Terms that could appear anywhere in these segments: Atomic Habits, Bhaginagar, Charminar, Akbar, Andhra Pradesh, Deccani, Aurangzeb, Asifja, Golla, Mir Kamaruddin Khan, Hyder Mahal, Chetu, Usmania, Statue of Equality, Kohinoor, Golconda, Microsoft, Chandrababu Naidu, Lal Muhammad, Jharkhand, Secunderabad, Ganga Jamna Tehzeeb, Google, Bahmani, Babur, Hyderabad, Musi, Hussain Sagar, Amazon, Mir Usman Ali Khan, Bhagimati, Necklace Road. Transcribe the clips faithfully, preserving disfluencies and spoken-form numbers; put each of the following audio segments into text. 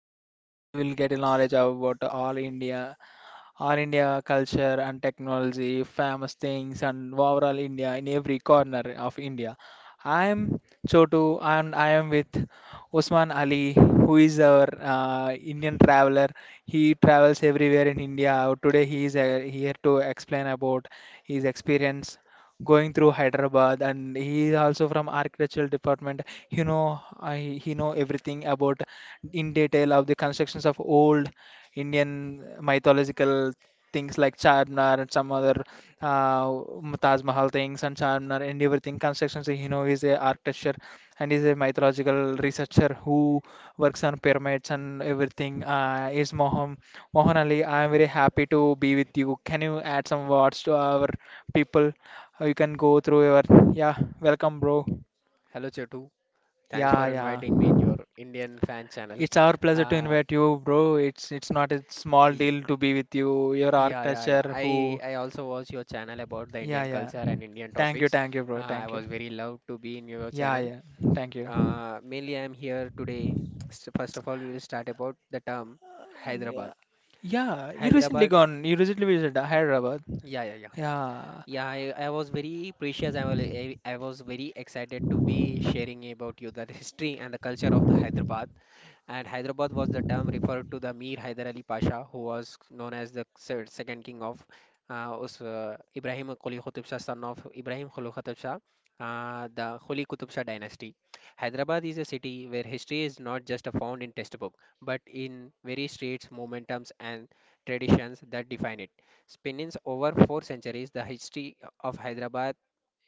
Uh, in this, we will get a knowledge about all India, all India culture and technology, famous things, and overall India in every corner of India. I am Chotu, and I am with Usman Ali, who is our uh, Indian traveler. He travels everywhere in India. Today, he is uh, here to explain about his experience going through Hyderabad, and he is also from architectural department. You know, I, he know everything about in detail of the constructions of old Indian mythological things like Charminar and some other uh, Taj Mahal things and Charminar and everything constructions. You know, he's a architecture and he's a mythological researcher who works on pyramids and everything. Uh, is Mohan Mohan Ali? I am very happy to be with you. Can you add some words to our people? Or you can go through your. Yeah, welcome, bro. Hello Chetu, thanks for Yeah, yeah. inviting me in your Indian fan channel. It's our pleasure to Uh, invite you, bro. It's it's not a small y- deal to be with you. Your yeah, yeah, yeah. architecture I who. I also watch your channel about the Indian Yeah, yeah. culture and Indian Thank you, topics. thank you, Uh, bro. I Thank you. was very loved to be in your Yeah, channel. yeah. Thank you. Uh, mainly, I am here today. So first of all, we will start about the term Hyderabad. Yeah, you recently Hyderabad. gone. You recently visited Hyderabad. Yeah, yeah, yeah. Yeah, Yeah, I, I was very precious. I was I, I was very excited to be sharing about you the history and the culture of the Hyderabad. And Hyderabad was the term referred to the Mir Hyder Ali Pasha, who was known as the se- second king of uh, Us- uh, Ibrahim Quli Qutub Shah, son of Ibrahim Quli Qutub Shah, uh, the Quli Qutub Shah dynasty. Hyderabad is a city where history is not just found in textbook, but in various streets, momentums, and traditions that define it. Spans over four centuries, the history of Hyderabad,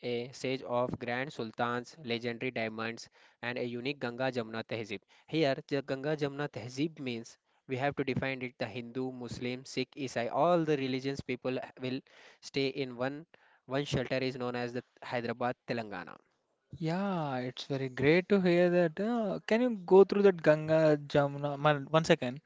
a sage of Grand Sultan's legendary diamonds and a unique Ganga Jamna Tehzeeb. Here, the Ganga Jamna Tehzeeb means we have to define it the Hindu, Muslim, Sikh, Isai, all the religions people will stay in one one shelter is known as the Hyderabad, Telangana. yeah. It's very great to hear that. Uh, can you go through that Ganga Jamuna? Man, one second.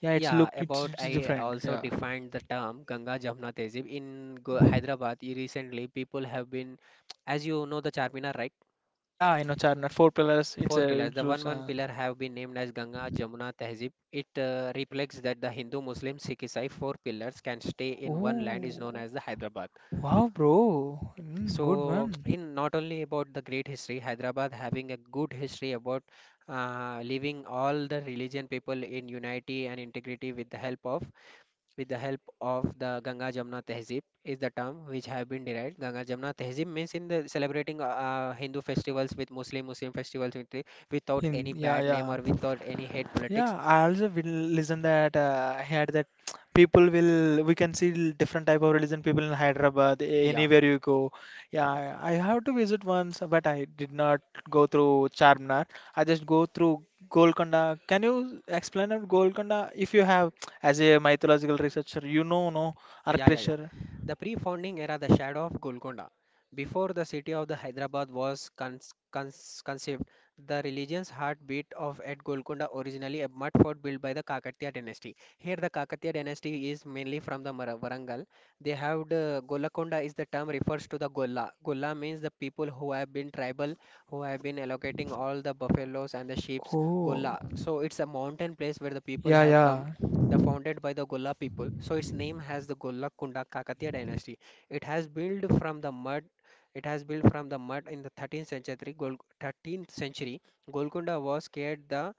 Yeah, it's Yeah, look. It's, about it's I different. also Yeah. defined the term Ganga Jamna Tehzeeb in Go- Hyderabad. e- Recently, people have been, as you know, the Charminar, right? Yeah, I know Charminar. Four pillars. It's Four a. pillars. The one It's, one uh, pillar have been named as Ganga Jamuna Tehzib. It uh, reflects that the Hindu, Muslim, Sikh, Isai four pillars can stay in one land is known Oh, as the Hyderabad. wow, bro. Mm, good So, one. in not only about the great history, Hyderabad having a good history about uh, leaving all the religion people in unity and integrity with the help of with the help of the Ganga Jamuna Tehzeeb is the term which have been derived. Ganga Jamuna Tehzeeb means in the celebrating uh, uh, Hindu festivals with Muslim Muslim festivals with, without In any yeah, bad name yeah, or without any hate yeah. politics. I also will listen that uh, I had that people will we can see different type of religion people in Hyderabad Yeah. anywhere you go. Yeah, I I have to visit once, but I did not go through Charminar. I just go through Golconda. Can you explain about Golconda if you have as a mythological researcher? You know, no, Yeah, yeah, yeah. architecture. The pre-founding era, the shadow of Golconda. Before the city of the Hyderabad was cons cons conceived, the religion's heartbeat of at Golconda originally a mud fort built by the Kakatiya dynasty. Here, the Kakatiya dynasty is mainly from the Mar Warangal. They have the Golakonda is the term refers to the Golla. Golla means the people who have been tribal, who have been allocating all the buffaloes and the sheep's Oh, Golla. So it's a mountain place where the people yeah, have come yeah. the founded by the Golla people, so its name has the Golla Kunda Kakatiya dynasty. It has built from the mud. It has built from the mud in the thirteenth century. Gol- thirteenth century, Golconda was scared the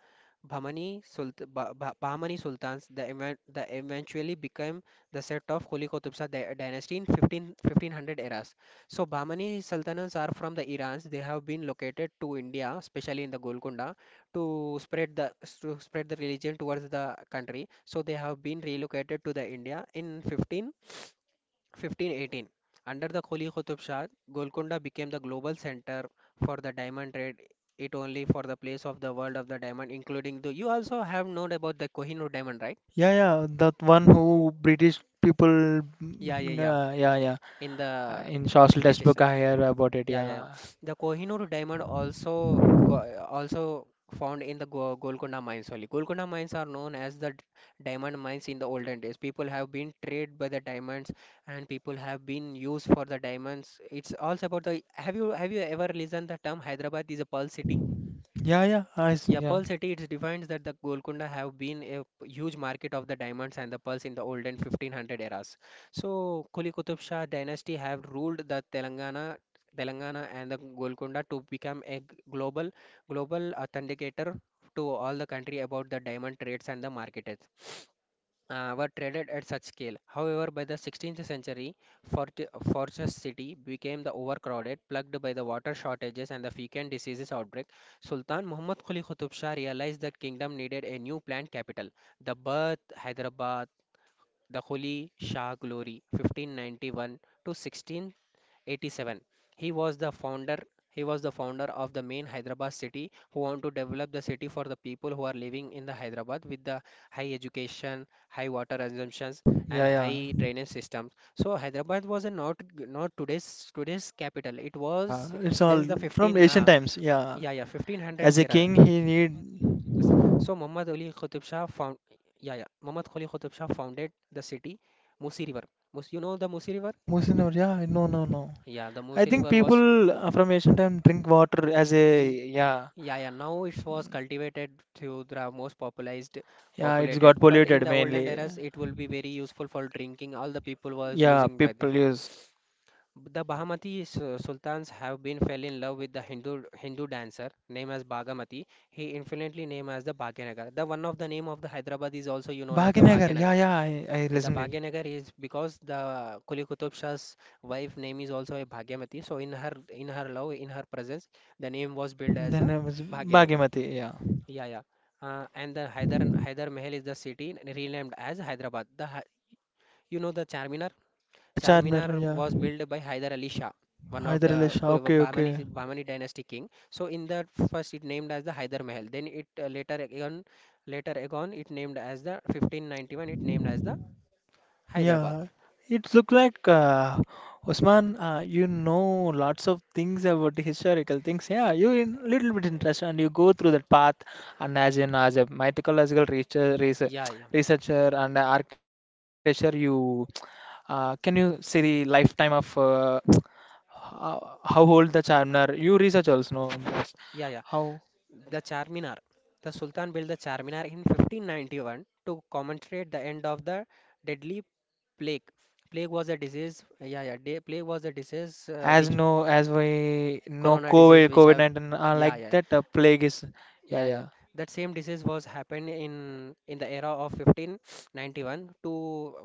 Bahmani, Sult- Bah- Bah- Bahmani Sultans. The, evan- the eventually became the set of Holi Qutubsa dy- dynasty in fifteen fifteen hundred eras. So Bahmani sultanates are from the Irans. They have been located to India, especially in the Golconda to spread the s- to spread the religion towards the country. So they have been relocated to the India in fifteen fifteen eighteen. Under the Kholi Qutub Shah, Golconda became the global center for the diamond trade. It only for the place of the world of the diamond, including the. You also have known about the Kohinoor diamond, right? Yeah, yeah, that one who British people, Yeah, yeah, mm, yeah. uh, yeah, yeah. In Uh, the In social British. textbook, I hear about it. Yeah, yeah, yeah. Yeah, The Kohinoor diamond also co- also found in the Go Golconda mines only. Golconda mines are known as the d- diamond mines in the olden days. People have been traded by the diamonds, and people have been used for the diamonds. It's also about the. Have you have you ever listened the term Hyderabad is a pearl city? yeah, yeah. I, s- Yeah, yeah, Pearl City, it defines that the Golconda have been a p- huge market of the diamonds and the pearls in the olden fifteen hundred eras. So, Kuli Qutub Shah dynasty have ruled the Telangana, Telangana and the Golconda to become a g- global global authenticator to all the country about the diamond trades and the market uh, were traded at such scale. However, by the sixteenth century, Fort- Fortress City became the overcrowded, plagued by the water shortages and the Fecan diseases outbreak. Sultan Muhammad Quli Qutub Shah realized that kingdom needed a new planned capital. The birth Hyderabad, the Quli Shah glory, fifteen ninety-one to sixteen eighty-seven. He was the founder he was the founder of the main Hyderabad city, who want to develop the city for the people who are living in the Hyderabad with the high education, high water assumptions, yeah, and yeah, high drainage systems. So Hyderabad was a not not today's today's capital. It yeah. was It's all there's the from fifteen, ancient uh, times. Yeah, yeah, yeah, fifteen hundred as a eras. king, he So Muhammad Ali need. Qutb Shah found yeah yeah muhammad ali qutb shah founded the city. Musi River. Mus, you know the Musi River? Ah, Musinor. Yeah, no, no, no. Yeah, the I Musi think River was. people uh, from ancient time drink water as a E- yeah, Yeah, yeah. Now it was cultivated through the most popularized, yeah. It's got populated. But in polluted the olden mainly. eras, it will be very useful for drinking. All the people was Yeah, using by people this. use The Bahamati su- sultans have been fell in love with the Hindu Hindu dancer named as Bhagamati. He influently named as the Bhagyanagar. The one of the name of the Hyderabad is also you known as the Bhaginagar. Bhagyanagar. Yeah, yeah. I, I The listened it. Bhagyanagar is because the Kuli Qutub Shah's wife name is also a Bhagyamati. So in her in her love in her presence, the name was built as the Then it was Bhagyanagar. Bhagimati. Yeah. Yeah, yeah. Uh, and the Hyder Hyder Mahal is the city n- renamed as Hyderabad. The Hy- you know the Charminar. Yeah, Charmer. Charminar Yeah, was built by Hyder Ali Shah, one of the Hyderalish. Kul- Okay, okay. Bahmani Bahmani dynasty king. So in the first it named as the Hyder Mahal. Then it uh, later again later again it named as the fifteen ninety-one. It named as the Hyderabad. Yeah, it look like uh, Osman. Uh, you know lots of things about the historical things. Yeah, you in little bit interested, and you go through that path. And as an as a mythological researcher, research, Yeah, yeah, researcher and architecture, you uh, can you say the lifetime of uh, how, how old the Charmer? You research also know yeah, yeah. how. The Charminar. The Sultan built the Charminar in fifteen ninety-one to commemorate the end of the deadly plague. Plague was a disease, yeah, yeah, de- plague was a disease, uh, As which no as we know corona disease COVID which have, COVID-19 uh, yeah, like yeah, that uh, plague is yeah yeah, yeah. yeah That same disease was happened in in the era of fifteen ninety-one to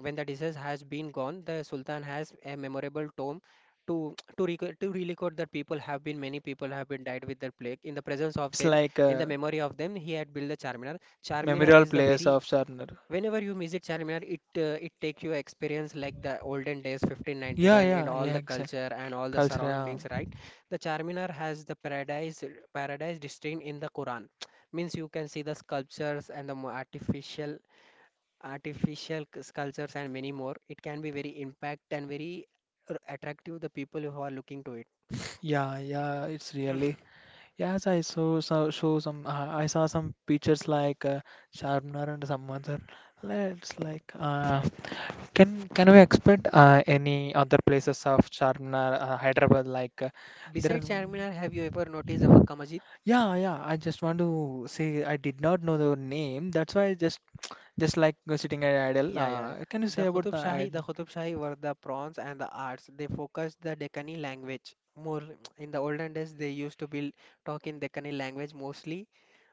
when the disease has been gone, the Sultan has a memorable tomb to to record to record that people have been many people have been died with the plague. In the presence of it's them, like in uh, the memory of them, he had built the Charminar. Charminar memorial is the players very. of Sharner Whenever you visit Charminar, it uh, it take you experience like the olden days, yeah fifteen ninety-one, and yeah all yeah the exactly culture and all the culture surroundings, right? The Charminar has the paradise paradise destined in the Quran. Means you can see the sculptures and the mo- artificial artificial c- sculptures and many more. It can be very impact and very r- attractive the people who are looking to it. yeah yeah yeah it's really yes I saw so show some uh, I saw some pictures like uh, Sharner and some other let's like uh, can can we expect uh, any other places of Sharner uh, Hyderabad like uh, there. Besides Charminar, have you ever noticed the Makkah Masjid? Yeah, yeah. I just want to say I did not know the name. That's why I just just like uh, sitting at idle. Yeah, yeah, yeah. Uh, can you The say about Qutub the Shahi, the idle? Qutub Shahi were the prawns and the arts. They focused the Deccani language more. In the olden days, they used to be talk in Deccani language mostly,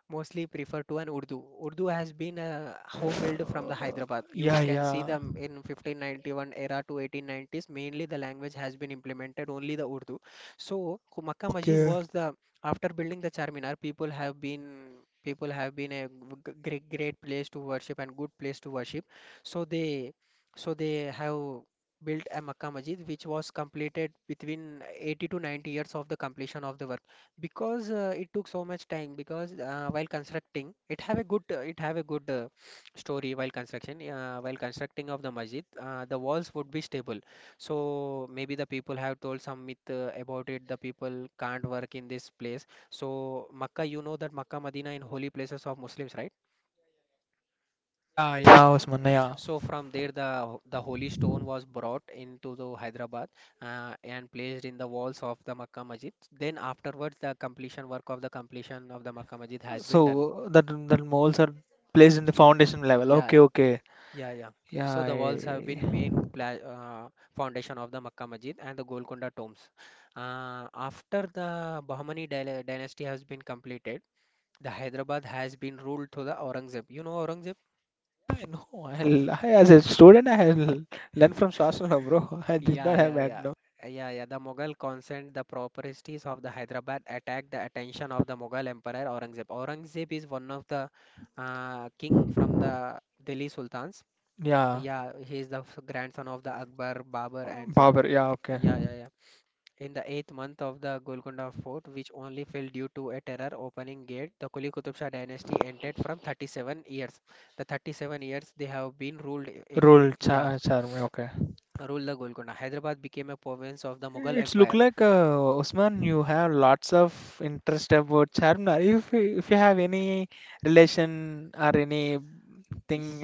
mostly prefer to an Urdu. Urdu has been a home built from the Uh, Hyderabad. You yeah, can see yeah. them in fifteen ninety-one era to eighteen nineties. Mainly the language has been implemented only the Urdu. So Khu- Makkah Masjid Okay. was the after building the Charminar, people have been people have been a great great place to worship and good place to worship. So they so they have built a Makkah Masjid which was completed between eighty to ninety years of the completion of the work, because uh, it took so much time, because uh, while constructing it have a good, uh, it have a good uh, story, while construction uh, while constructing of the masjid, uh, the walls would be stable, so maybe the people have told some myth, uh, about it the people can't work in this place. So Makkah, you know that Makkah Medina in holy places of Muslims, right? Yeah, yeah, Osman. Yeah. So from there, the the holy stone was brought into the Hyderabad uh, and placed in the walls of the Makkah Masjid. Then afterwards, the completion work of the completion of the Makkah Masjid has been done. So that that moles are placed in the Y- foundation level. Yeah, Okay, okay. yeah, yeah. Yeah, So the walls have I, been main pla- uh, foundation of the Makkah Masjid and the Golconda tombs. Uh, after the Bahmani dyla- dynasty has been completed, the Hyderabad has been ruled to the Aurangzeb. You know Aurangzeb? yeah. I know. I'll, I, as a student, I have learned from Shastra, bro. I did Yeah, not have yeah, that. yeah. No. Uh, Yeah, yeah. The Mughal consent, the properties of the Hyderabad attacked the attention of the Mughal Emperor Aurangzeb. Aurangzeb is one of the uh, king from the Delhi Sultans. Uh, Yeah, Yeah, he is the f- grandson of the Akbar, Babur, Uh, and son. Babar. Yeah, okay. Yeah, yeah, yeah. In the eighth month of the Golconda fort, which only fell due to a terror opening gate, the Kuli Qutub Shah dynasty ended from thirty-seven years. The thirty-seven years they have been ruled. If, Rule Yeah, cha charm. Okay. ruled the Golconda. Hyderabad became a province of the Mughal It's look Empire. like uh, Usman, you have lots of interest about Charminar. If you- if you have any relation or anything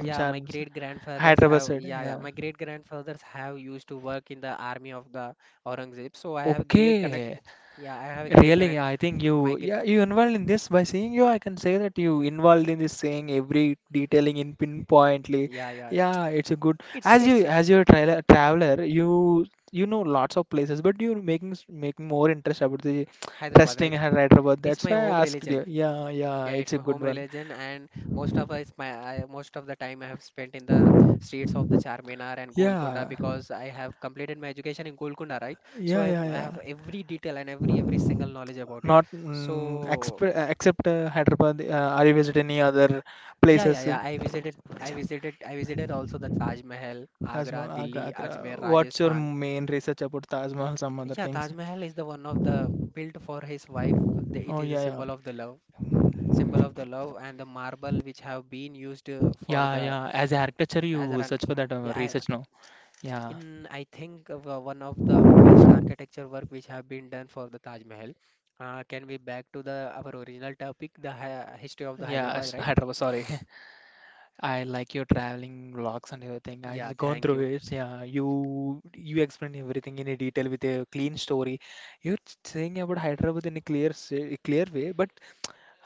in Yeah, my Charminar, great grandfathers Hyderabad have side, yeah, yeah, yeah. my great grandfathers have used to work in the army of the Aurangzeb. So I Oh, have great connect. okay. Yeah, I have a great Really, connect. I think you My gre yeah you involved in this by seeing you. I can say that you involved in this saying every detailing in pinpointly. yeah, yeah. yeah. Yeah, it's a good It's as you it's as you're a trailer, traveler. You you know lots of places, but you're making s- making more interest about the Hyderabad, testing right? and Hyderabad. It's That's my why home I asked religion. you. Yeah, yeah, Yeah, it's it's my a good home one. religion, and most of us, my I, most of the time I have spent in the streets of the Charminar and Golconda Yeah, because I have completed my education in Golconda, right? So yeah, I yeah, have, I yeah. have every detail and every every single knowledge about it. Not mm, exp So except uh, Hyderabad. Uh, are you visit any other yeah, yeah, places? yeah. I visited, I visited, I visited also the Taj Mahal, Taj Agra, Mahal, Agra, Delhi, Agra. Ajmer, What's your Rajasthan. main research about Taj Mahal? Some other Yeah, things. Taj Mahal is the one of the built for his wife. The, it Oh is a yeah, yeah, symbol of the love, symbol of the love, and the marble which have been used uh, for yeah, the yeah. As architecture, As you an search for that uh, yeah, I, research, no? Yeah, in I think of, uh, one of the best architecture work which have been done for the Taj Mahal. Uh, can we back to the our original topic, the hi- history of the yeah. Hyderabad, s- right? Hyderabad. Sorry, I like your traveling vlogs and everything. I Yeah, just gone thank through you. it. Yeah, you you explain everything in a detail with a clean story. You're saying about Hyderabad in a clear sa- clear way, but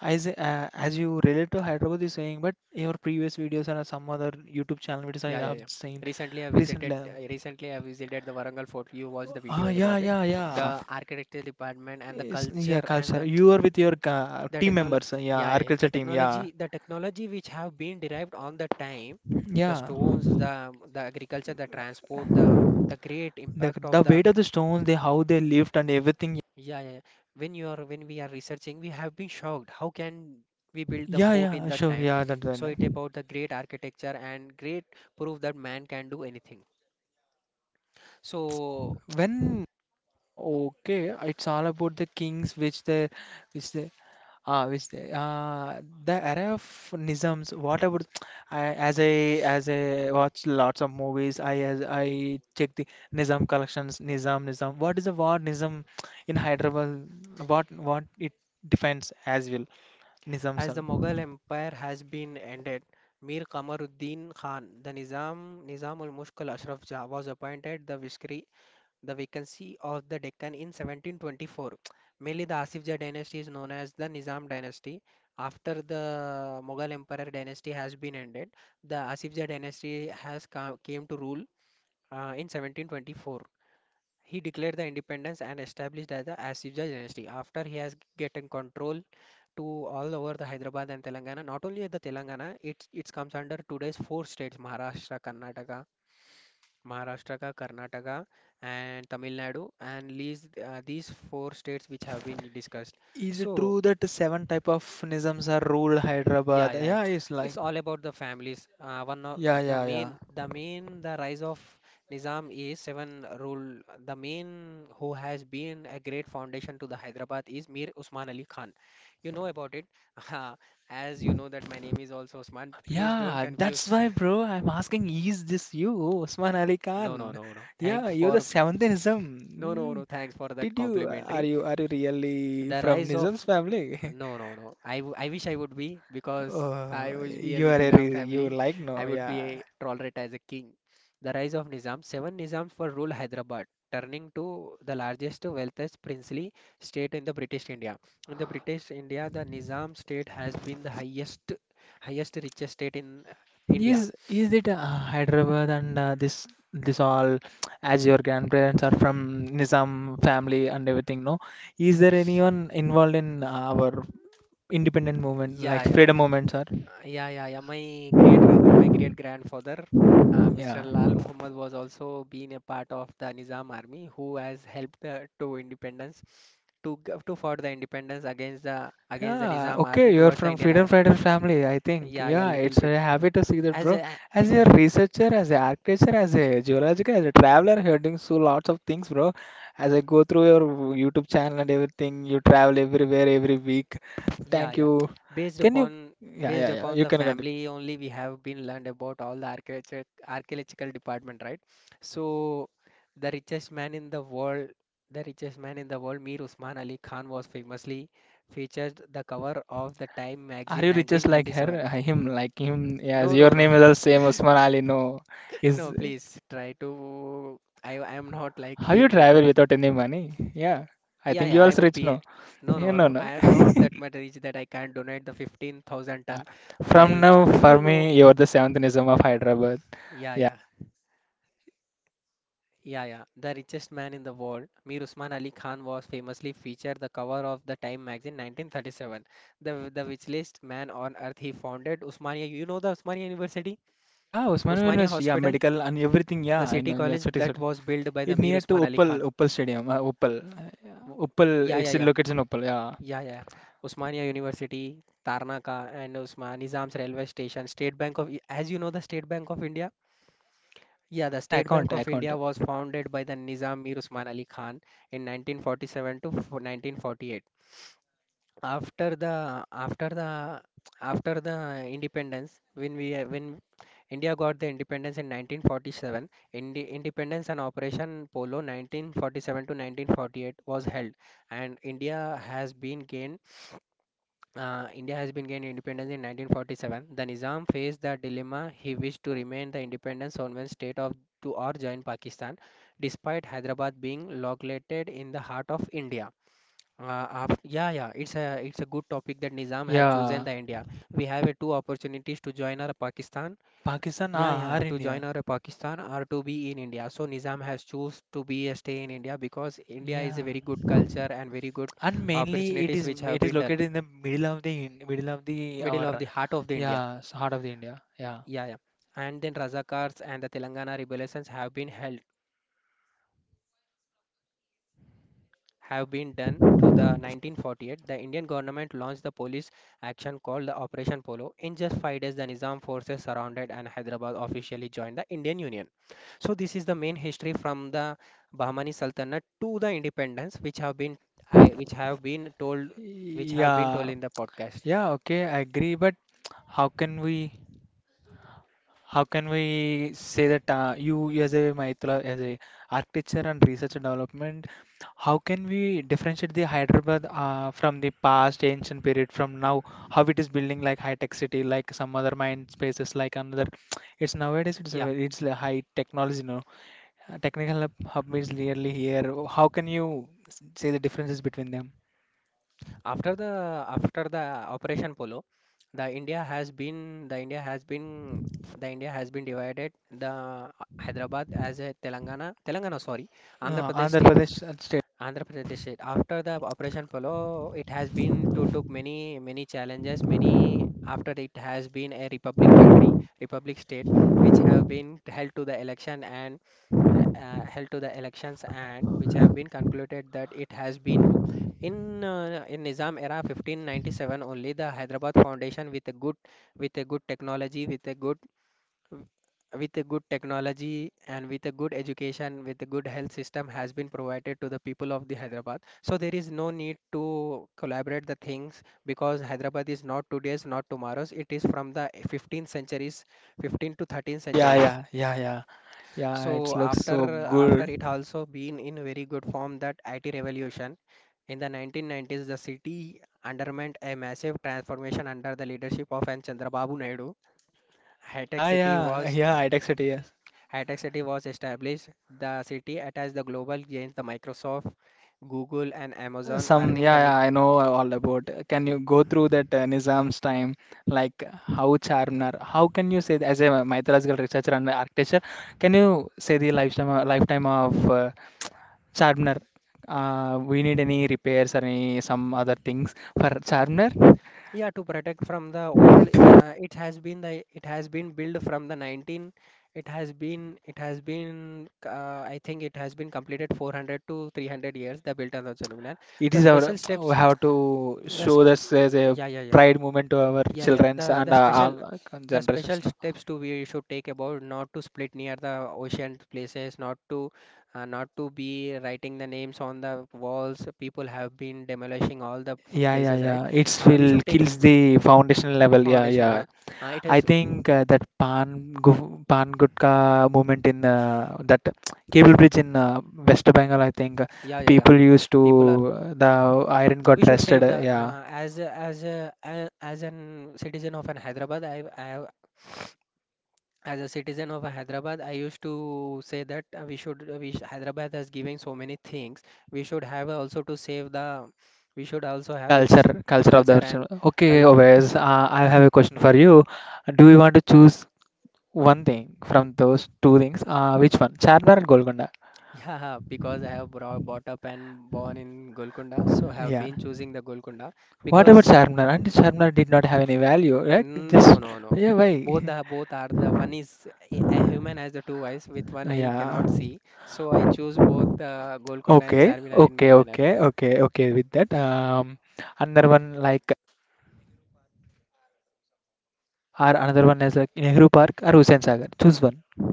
as uh, as you relate to Hyderabad, you're saying, but your previous videos and some other YouTube channel videos I Yeah, yeah, have yeah. seen Recently, I visited. recently. I recently, I visited the Warangal Fort. You watched the Ah, video yeah, about it. yeah, yeah. The architecture department and the It's, yeah, culture and culture. the You are with your ca The team technol members. Uh, yeah, Yeah, yeah, yeah. The agriculture team. Yeah, technology, the technology which have been derived on the time, the yeah. stones, the the agriculture, the transport, the the great The impact of the the weight of the stones, they how they lift and everything. yeah, yeah. yeah. When you are when we are researching, we have been shocked. How can we build the Yeah, fort in yeah, that sure. time? Yeah, that's the So it name. about the great architecture and great proof that man can do anything. So When uh, okay, it's all about the kings, which they, which they, ah, obviously. Ah the era of Nizams, what I would, I, as I as I watch lots of movies, I as I check the Nizam collections, Nizam, Nizam. What is the word Nizam in Hyderabad? What what it defines as well? Nizams. as the Are. Mughal Empire has been ended. Mir Kamaruddin Khan, the Nizam Nizam ul Mushkil Ashraf Jah was appointed the Vizier the vacancy of the Deccan in seventeen twenty-four. Mainly, the Asifja dynasty is known as the Nizam dynasty. After the Mughal Emperor dynasty has been ended, the Asifja dynasty has come, came to rule uh, in seventeen twenty-four. He declared the independence and established as the Asifja dynasty. After he has gotten control to all over the Hyderabad and Telangana, not only the Telangana, it it comes under today's four states: Maharashtra, Karnataka, Maharashtra, Karnataka, and Tamil Nadu, and these uh, these four states which have been discussed. Is it So true that seven type of Nizams are ruled yeah, Hyderabad? yeah, Yeah, yeah. it's It's like all about the families. Uh, one of yeah, the yeah, yeah. main, the main, the rise of Nizam is seven rule. The main who has been a great foundation to the Hyderabad is Mir Usman Ali Khan. You know about it, as you know that my name is also Usman. Please don't Yeah, that's confuse. why, bro. I'm asking, is this you, Usman Ali No, no, Khan? no, no. Yeah, Thanks you're for the seventh no, no, Nizam. no. Thanks for that Did you are complimentary. you are you really The from rise of Nizam's family? no, no, no. I, w- I wish I would be because Oh, I would be a you are a Nizam re you family. like I no, would be yeah. a tolerate as a king. The rise of Nizam. Seven Nizams were ruled Hyderabad, turning to the largest, wealthiest princely state in the British India. In the British India, the Nizam state has been the highest, highest richest state in uh, India. Is is it uh, Hyderabad and uh, this this all as your grandparents are from Nizam family and everything, no? Is there anyone involved in uh, our independent movement, Yeah, like yeah. freedom movement, sir? Uh, Yeah, yeah, yeah. My great g- my great grandfather, uh, mister Yeah. Lal Muhammad, was also been a part of the Nizam army, who has helped the, to independence, to g- to for the independence against the against the Yeah, Nizam army okay, you're towards the from Indian Freedom army. Fighter family, I think. Yeah, yeah, Yeah, little it's bit. a happy to see that, As bro. a, uh, As a yeah, researcher, as an architecture, as a geologist as a traveler, you're doing so lots of things, bro. As I go through your YouTube channel and everything, you travel everywhere every week. Yeah, Thank yeah. you. Based Can you? upon Yeah, Based yeah, yeah. upon You the can continue. family only we have been learned about all the architecture archaeological department, right? So the richest man in the world, the richest man in the world, Mir Usman Ali Khan was famously featured the cover of the Time Are magazine you richest like nineteen thirty-seven. her? Him, like him? Yes, No, your no, no. name is the same, Usman Ali. No, No, is please try to I I am not like how you him travel because without any money? Yeah, I yeah, think yeah, you I also would rich, be a, no? no, Yeah, no, no, no. no. I am not that much rich that I can't donate the fifteen thousand ton From while now, you for know. me, you're the seventh Nizam of Hyderabad. Yeah, Yeah. yeah, yeah, yeah. The richest man in the world, Mir Usman Ali Khan, was famously featured the cover of the Time magazine nineteen thirty-seven. The the richest man on earth. He founded Usmania. You know the Usmania University, Yeah, Osman Usmania University, yeah, Hospital, medical and everything. Yeah, the I city know. Yeah, college city, that city. was built by the It Mir near Usman to Ali Uppal, Khan. Uppal He- Stadium. Uh, Uppal, Uppal. Yeah, yeah, It's yeah. located in Uppal. Yeah, Yeah, yeah. Usmania University, Tarnaka, and Usman Nizam's railway station, State Bank of, as you know, the State Bank of India. Yeah, I the have an State Bank account, of account. India was founded by the Nizam Mir Usman Ali Khan in nineteen forty-seven to fo- nineteen forty-eight. After the after the After the independence, when we uh, when India got the independence in nineteen forty-seven, Indi independence and Operation Polo nineteen forty-seven to nineteen forty-eight was held, and India has been gained uh, India has been gained independence in nineteen forty-seven. The Nizam faced the dilemma he wished to remain the independent sovereign state of to or join Pakistan, despite Hyderabad being located in the heart of India. Uh, af- yeah, yeah, it's a it's a good topic that Nizam has chosen Yeah, the India. We have a two opportunities to join our Pakistan. Pakistan Yeah, ah, yeah, are to join India. our Pakistan or to be in India. So Nizam has choose to be a stay in India because India is Yeah, a very good culture and very good and mainly it opportunities is which it have is been done located in the middle of the in- middle of the middle of our the heart of the India. yeah s- heart of the India. Yeah, Yeah, yeah. And then Razakars and the Telangana rebellions have been held, have been done to the nineteen forty-eight. The Indian government launched the police action called the Operation Polo. In just five days, the Nizam forces surrounded and Hyderabad officially joined the Indian Union. So this is the main history from the Bahmani Sultanate to the independence, which have been I, which have been told, which have been told yeah, in the podcast. yeah. Okay, I agree. But how can we? How can we say that uh, you, as a Maitla, as a architecture and research and development, how can we differentiate the Hyderabad uh, from the past ancient period from now? How it is building like high-tech city, like some other mind spaces, like another. It's nowadays it's a- Yeah. it's a high technology, you know. Uh, Technical hub, hub is nearly here. How can you s- say the differences between them? After the after the Operation Polo, the India has been the India has been the India has been divided the Hyderabad as a Telangana Telangana sorry Uh, Andhra Pradesh Andhra state. Pradesh uh, state. Andhra Pradesh state after the Operation Polo it has been to took many many challenges many after it has been a republic country republic state which have been held to the election and uh, uh, held to the elections and which have been concluded that it has been in uh, in Nizam era fifteen ninety-seven only the Hyderabad Foundation with a good with a good technology with a good with a good technology and with a good education with a good health system has been provided to the people of the Hyderabad. So there is no need to collaborate the things because Hyderabad is not today's not tomorrow's, it is from the fifteenth centuries, fifteen to thirteenth Yeah, centuries. yeah, yeah, yeah, yeah. So It looks after so after good. it also been in very good form that I T revolution in the nineteen nineties, the city underwent a massive transformation under the leadership of N Chandrababu Naidu. High-tech Yeah, city yeah, was yeah, I texted yes. High-tech city was established. The city attached the global giants the Microsoft, Google and Uh, Amazon some, earning yeah, the nick. yeah, I know all about. Can you go through that uh, Nizam's time, like how Charminar? How can you say that as a mythological researcher and architecture? Can you say the lifetime uh, lifetime of uh, Charminar? Uh, we need any repairs or any some other things for Charminar? Yeah, to protect from the old, eh, uh, it has been the it has been built from the nineteen. It has been it has been uh, I think it has been completed four hundred to three hundred years. The built on the Chaluminar. It The is our special we steps, have to the show sp this as a yeah yeah yeah pride moment to our yeah yeah the childrens and the uh, special our the generations. special steps to we should take about not to split near the ocean places, not to uh, not to be writing the names on the walls. People have been demolishing all the Yeah, yeah, places, yeah. right? It's Uh, we will should take kills the foundational level. Yeah, foundation yeah. sure. uh, it I is think uh, that Pan Gu- Pan Gutka movement in uh, that cable bridge in uh, West Bengal. I think uh, yeah yeah yeah people used to People are uh, the iron got we should rested. save uh, the Yeah, uh, as a- as a, a- as an citizen of an Hyderabad I, I as a citizen of a Hyderabad I used to say that uh, we should uh, we sh- Hyderabad has given so many things we should have also to save the we should also have s- culture, culture of the culture and original. Okay, cul Oves, uh, I have a question for you. Do you want to choose one thing from those two things? Uh, which one? Charminar and Golconda. yeah, yeah, because I have brought, brought up and born in Golconda, so I have Yeah. been choosing the Golconda What about because. Sharpener? And Sharpener did not have any value, right? No, Just no, no. yeah, Both why? the both are the one is a a human has the two eyes with one eye he Yeah. cannot see. So I choose both the Golconda and Okay, Charminar in my okay, manner. okay, okay, okay. With that, um, another one like or another one is like Nehru Park or Hussain Sagar. Choose one.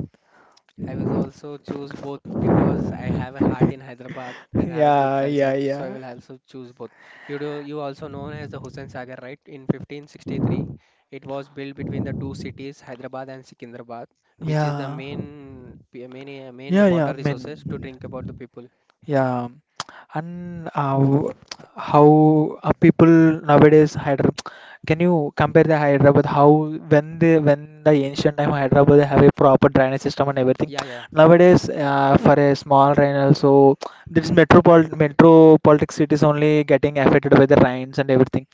I will also choose both because I have a heart in Hyderabad and I have a good Yeah, yeah, culture. So I yeah, will also choose both. You do you also known as the Hussain Sagar, right? In fifteen sixty-three, it was built between the two cities Hyderabad and Secunderabad, which is the yeah, main p- main uh, main yeah, yeah. water I resources to mean, drink about the people. yeah. And uh, how uh, people nowadays Hyderabad, can you compare the Hyderabad how when they when the ancient time Hyderabad they have a proper drainage system and everything. Yeah, yeah. Nowadays, uh, for a small rain also this metropol metropolitan cities only getting affected by the rains and everything.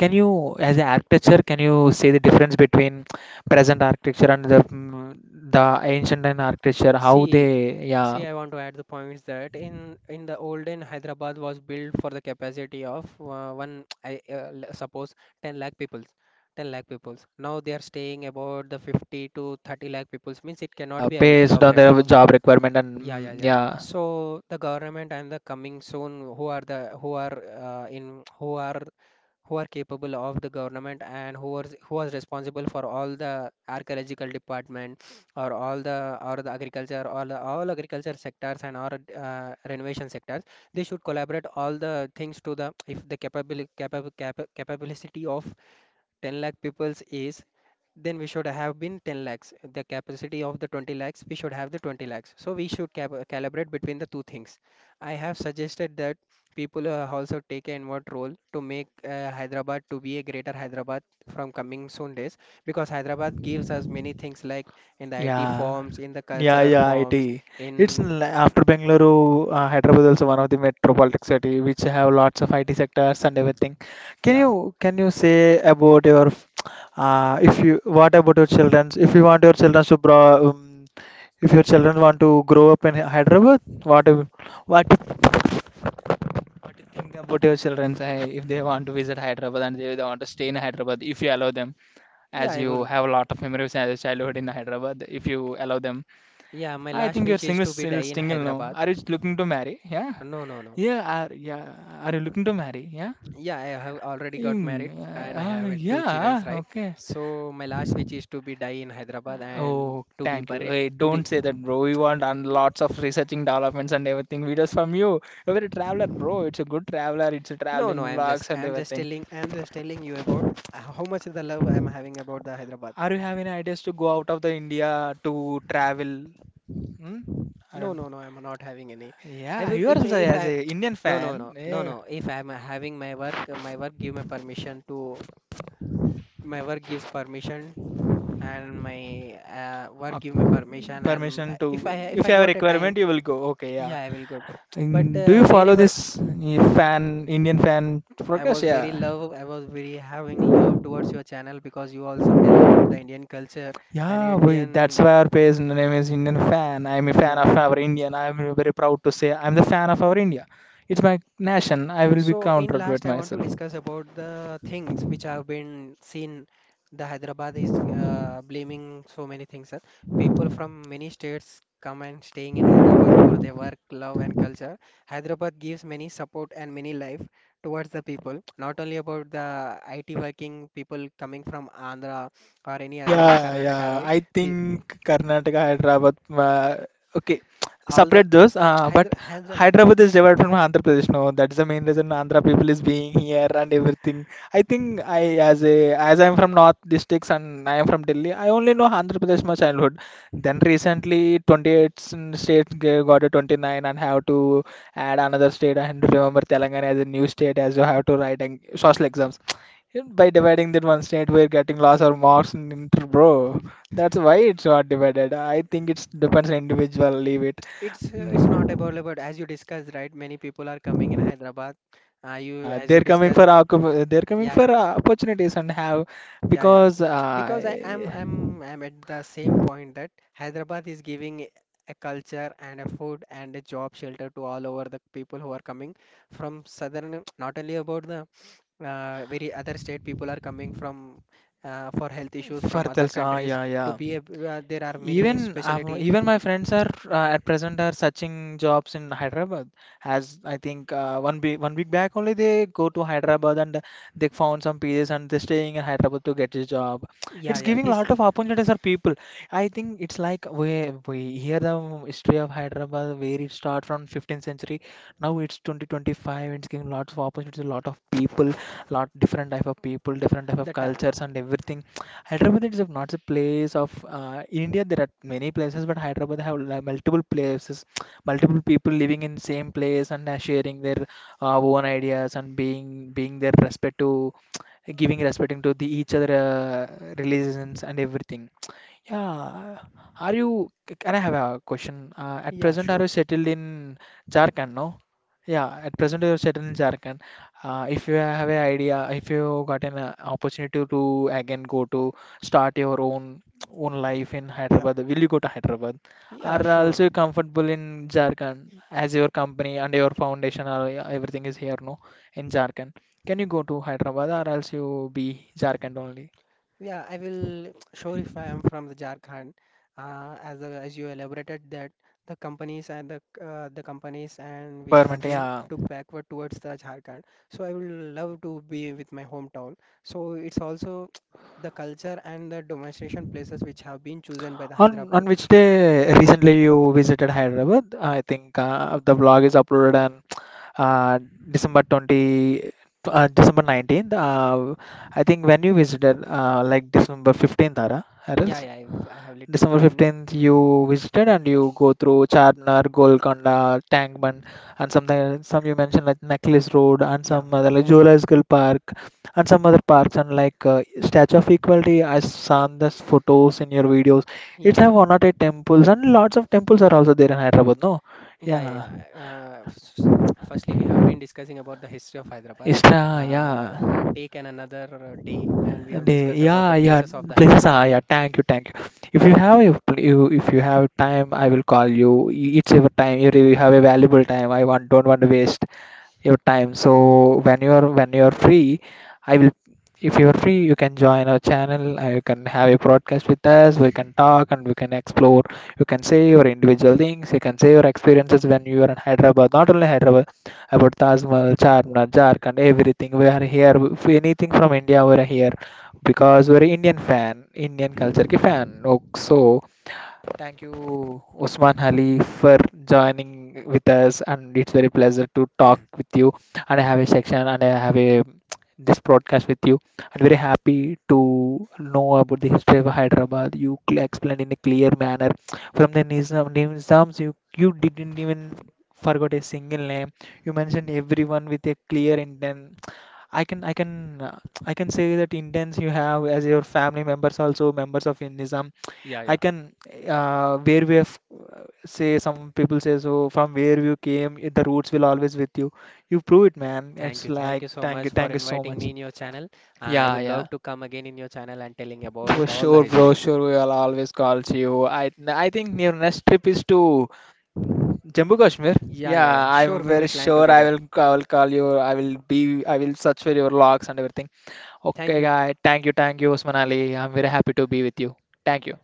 Can you as an architecture can you see the difference between present architecture and the mm, the ancient time architecture how See, they yeah See, I want to add the points that in in the olden Hyderabad was built for the capacity of uh, one, I uh, l- suppose ten lakh peoples, ten lakh peoples. Now they are staying about the fifty to thirty lakh peoples. Means it cannot Yeah, be el- based on elaborate. their job requirement and Yeah, yeah, mm, yeah. yeah. So the government and the coming soon, who are the who are uh, in who are who are capable of the government, and who was who was responsible for all the archaeological department or all the or the agriculture or the, all agriculture sectors and or uh, renovation sectors. They should collaborate all the things to the if the capable capable capability of ten lakh peoples is, then we should have been ten lakhs. The capacity of the twenty lakhs, we should have the twenty lakhs, so we should cap- calibrate between the two things. I have suggested that people uh, also take an inward role to make uh, Hyderabad to be a greater Hyderabad from coming soon days, because Hyderabad gives us many things like in the IT Yeah, forms, in the yeah, cultural yeah, forms I T. It's in. L- after Bengaluru, uh, Hyderabad also one of the metropolitan city which have lots of I T sectors and everything. Can Yeah. you can you say about your f- uh, if you what about your childrens? If you want your children to bro, um, if your children want to grow up in Hy- Hyderabad, what do- what what do you think about your children if they want to visit Hyderabad and they, they want to stay in Hyderabad if you allow them? Yeah, As I you will. have a lot of memories as a childhood in Hyderabad, if you allow them. Yeah, my I last think you're wish is single, to be still die in single now. Hyderabad. Are you looking to marry? Yeah. No, no, no. Yeah, are, yeah. Are you looking to marry? Yeah. Yeah, I have already got Mm, married and uh, I uh, have uh, two childrens, Yeah. right? Okay. So my last wish is to be die in Hyderabad and Oh, to be thank you. buried Hey, to be. don't say that, bro. We want on lots of researching developments and everything videos from you. You're a traveler, bro. It's a good traveler. It's a No, traveling no, I am just vlogs I and am just everything. telling, I am just telling you about how much the love I am having about the Hyderabad. Are you having ideas to go out of the India to travel? Hmm? I No, don't. no, no, I am not having any. I Yeah, will you are if also if as I a Indian no, no, fan. no, no, Yeah. no. If I am having my work, my work give me permission to, my work gives permission, and my uh, work uh, give me permission, and Permission if to, I if if I you have a got a time. requirement, you will go. Okay, yeah. Yeah, I will go. But And do uh, you follow wherever this uh, fan, Indian fan I progress? was very Yeah. love, I was very having love towards your channel because you also tell about the Indian culture and Yeah, we, that's Indian, why our page name is Indian fan. I'm a fan yeah. of our Indian. I'm very proud to say I'm the fan of our India. It's my nation. I will be So in countered with last, I want to myself. discuss about the things which have been seen. The Hyderabad is uh, blaming so many things, sir. People from many states come and staying in Hyderabad for their work, love, and culture. Hyderabad gives many support and many life towards the people. Not only about the I T working people coming from Andhra or any other Yeah, Karnataka, yeah. right? I Pe think Karnataka, Hyderabad. Uh, okay, all the separate those. Uh, but Hyder Hyder Hyderabad is derived from Andhra Pradesh. No, that's the main reason Andhra people is being here and everything. I think I, as a, as I'm from North districts and I am from Delhi, I only know Andhra Pradesh my childhood. Then recently, twenty-eight s- states g- got a twenty-nine and have to add another state and remember Telangana as a new state as you have to write and social exams. And by dividing that one state, we're getting loss or marks in inter, bro. That's why it's not divided. I think it depends on individual. Leave it. it's uh, it's not Mm. about about as you discussed, right? Many people are coming in Hyderabad, uh, you Yeah, as you they're coming for discussed. occup- they're coming Yeah, for yeah, uh, opportunities and have yeah, yeah, because uh, because I am I'm I'm at the same point that Hyderabad is giving a culture and a food and a job shelter to all over the people who are coming from southern, not only about the uh, very other state people are coming from, uh, for health issues for from other tells. Uh, countries Yeah, to yeah. be a, uh, there are many Even uh, specialty. even my friends are uh, at present are searching jobs in Hyderabad. As I think uh, one week one week back only they go to Hyderabad and they found some P As and they're staying in Hyderabad to get a job. Yeah, It's yeah, giving a this, lot of opportunities for people. I think it's like we we hear the history of Hyderabad where it started from fifteenth century. Now it's twenty twenty-five and it's giving lots of opportunities to a lot of people, lot different type of people, different type of that uh, cultures and everything. Hyderabad is a- not a place of uh, in India there are many places but Hyderabad have like multiple places, multiple people living in same place and uh, sharing their uh, own ideas and being being their respect to giving respecting to the each other uh, religions and everything. Yeah, are you, can I have a question, uh, at yeah, present are sure. you settled in Jharkhand? No, yeah, at present you are settled in Jharkhand. Uh, if you have an idea, if you got an uh, opportunity to again go to start your own own life in Yeah. Hyderabad, will you go to Hyderabad? Yeah, Are sure. also you comfortable in Jharkhand as your company and your foundation or uh, everything is here, no? In Jharkhand, can you go to Hyderabad or else you be Jharkhand only? Yeah, I will. Sure, if I am from the Jharkhand, uh, as the, as you elaborated that the companies and the uh, the companies and which have Requirement, been yeah. took backward towards the Jharkhand. So I will love to be with my hometown. So it's also the culture and the domestication places which have been chosen by the On on Hyderabad. which day recently you visited Hyderabad? I think uh, the blog is uploaded uh, December twentieth, uh, December nineteenth. Uh, I think when you visited, uh, like December fifteenth, Ara, or Yeah, else yeah, I've, I have little December been. 15th, you visited and you go through Charminar, Golconda, Tangman, and something, some you mentioned like Necklace Road and Yeah, some other like Zoological Park and some other parks and like uh, Statue of Equality. I saw those photos in your videos. yeah. It's have one or eight temples and lots of temples are also there in Hyderabad, no? Yeah, yeah, Yeah, yeah. Uh, s- firstly, we have been discussing about the history of Hyderabad. Uh, Istra, uh, yeah. Take an another uh, day, and we have They, discussed about yeah, the yeah, places of the places Hyderabad, are, right? yeah, thank you, thank you. If you have a, pl- you, if you have time, I will call you. It's a time, you really have a valuable time. I want, don't want to waste your time. So when you're when you're free, I will. If you're free, you can join our channel. uh, You can have a broadcast with us. We can talk and we can explore. You can say your individual things. You can say your experiences when you are in Hyderabad. Not only Hyderabad, about Taj Mahal, Charminar, Jharkhand, everything. We are here. If anything from India, we are here because we're Indian fan, Indian culture के fan. Oh, so thank you, Usman Ali, for joining with us, and it's very pleasure to talk with you. And I have a section, and I have a this broadcast with you. I'm very happy to know about the history of Hyderabad. You cl- explained in a clear manner from the Nizam, Nizams. You you didn't even forgot a single name. You mentioned everyone with a clear intent. I can I can uh, I can say that Indians you have as your family members also members of Nizam. Yeah, I yeah. can uh, where we have say some people say so from where you came the roots will always with you. You prove it, man. Thank It's you, thank like you so thank much you, for thank you so inviting much. me in your channel. Uh, I Yeah, would love yeah. to come again in your channel and telling For about all the sure, bro. histories. Sure, we will always call you. I I think your next trip is to Jammu Kashmir. Yeah, yeah, Yeah, yeah. Sure, I'm we will very plan sure I together. will I will call you. I will be I will search for your logs and everything. Thank Okay, you. guy. Thank you, thank you, Usman Ali. I'm very happy to be with you. Thank you.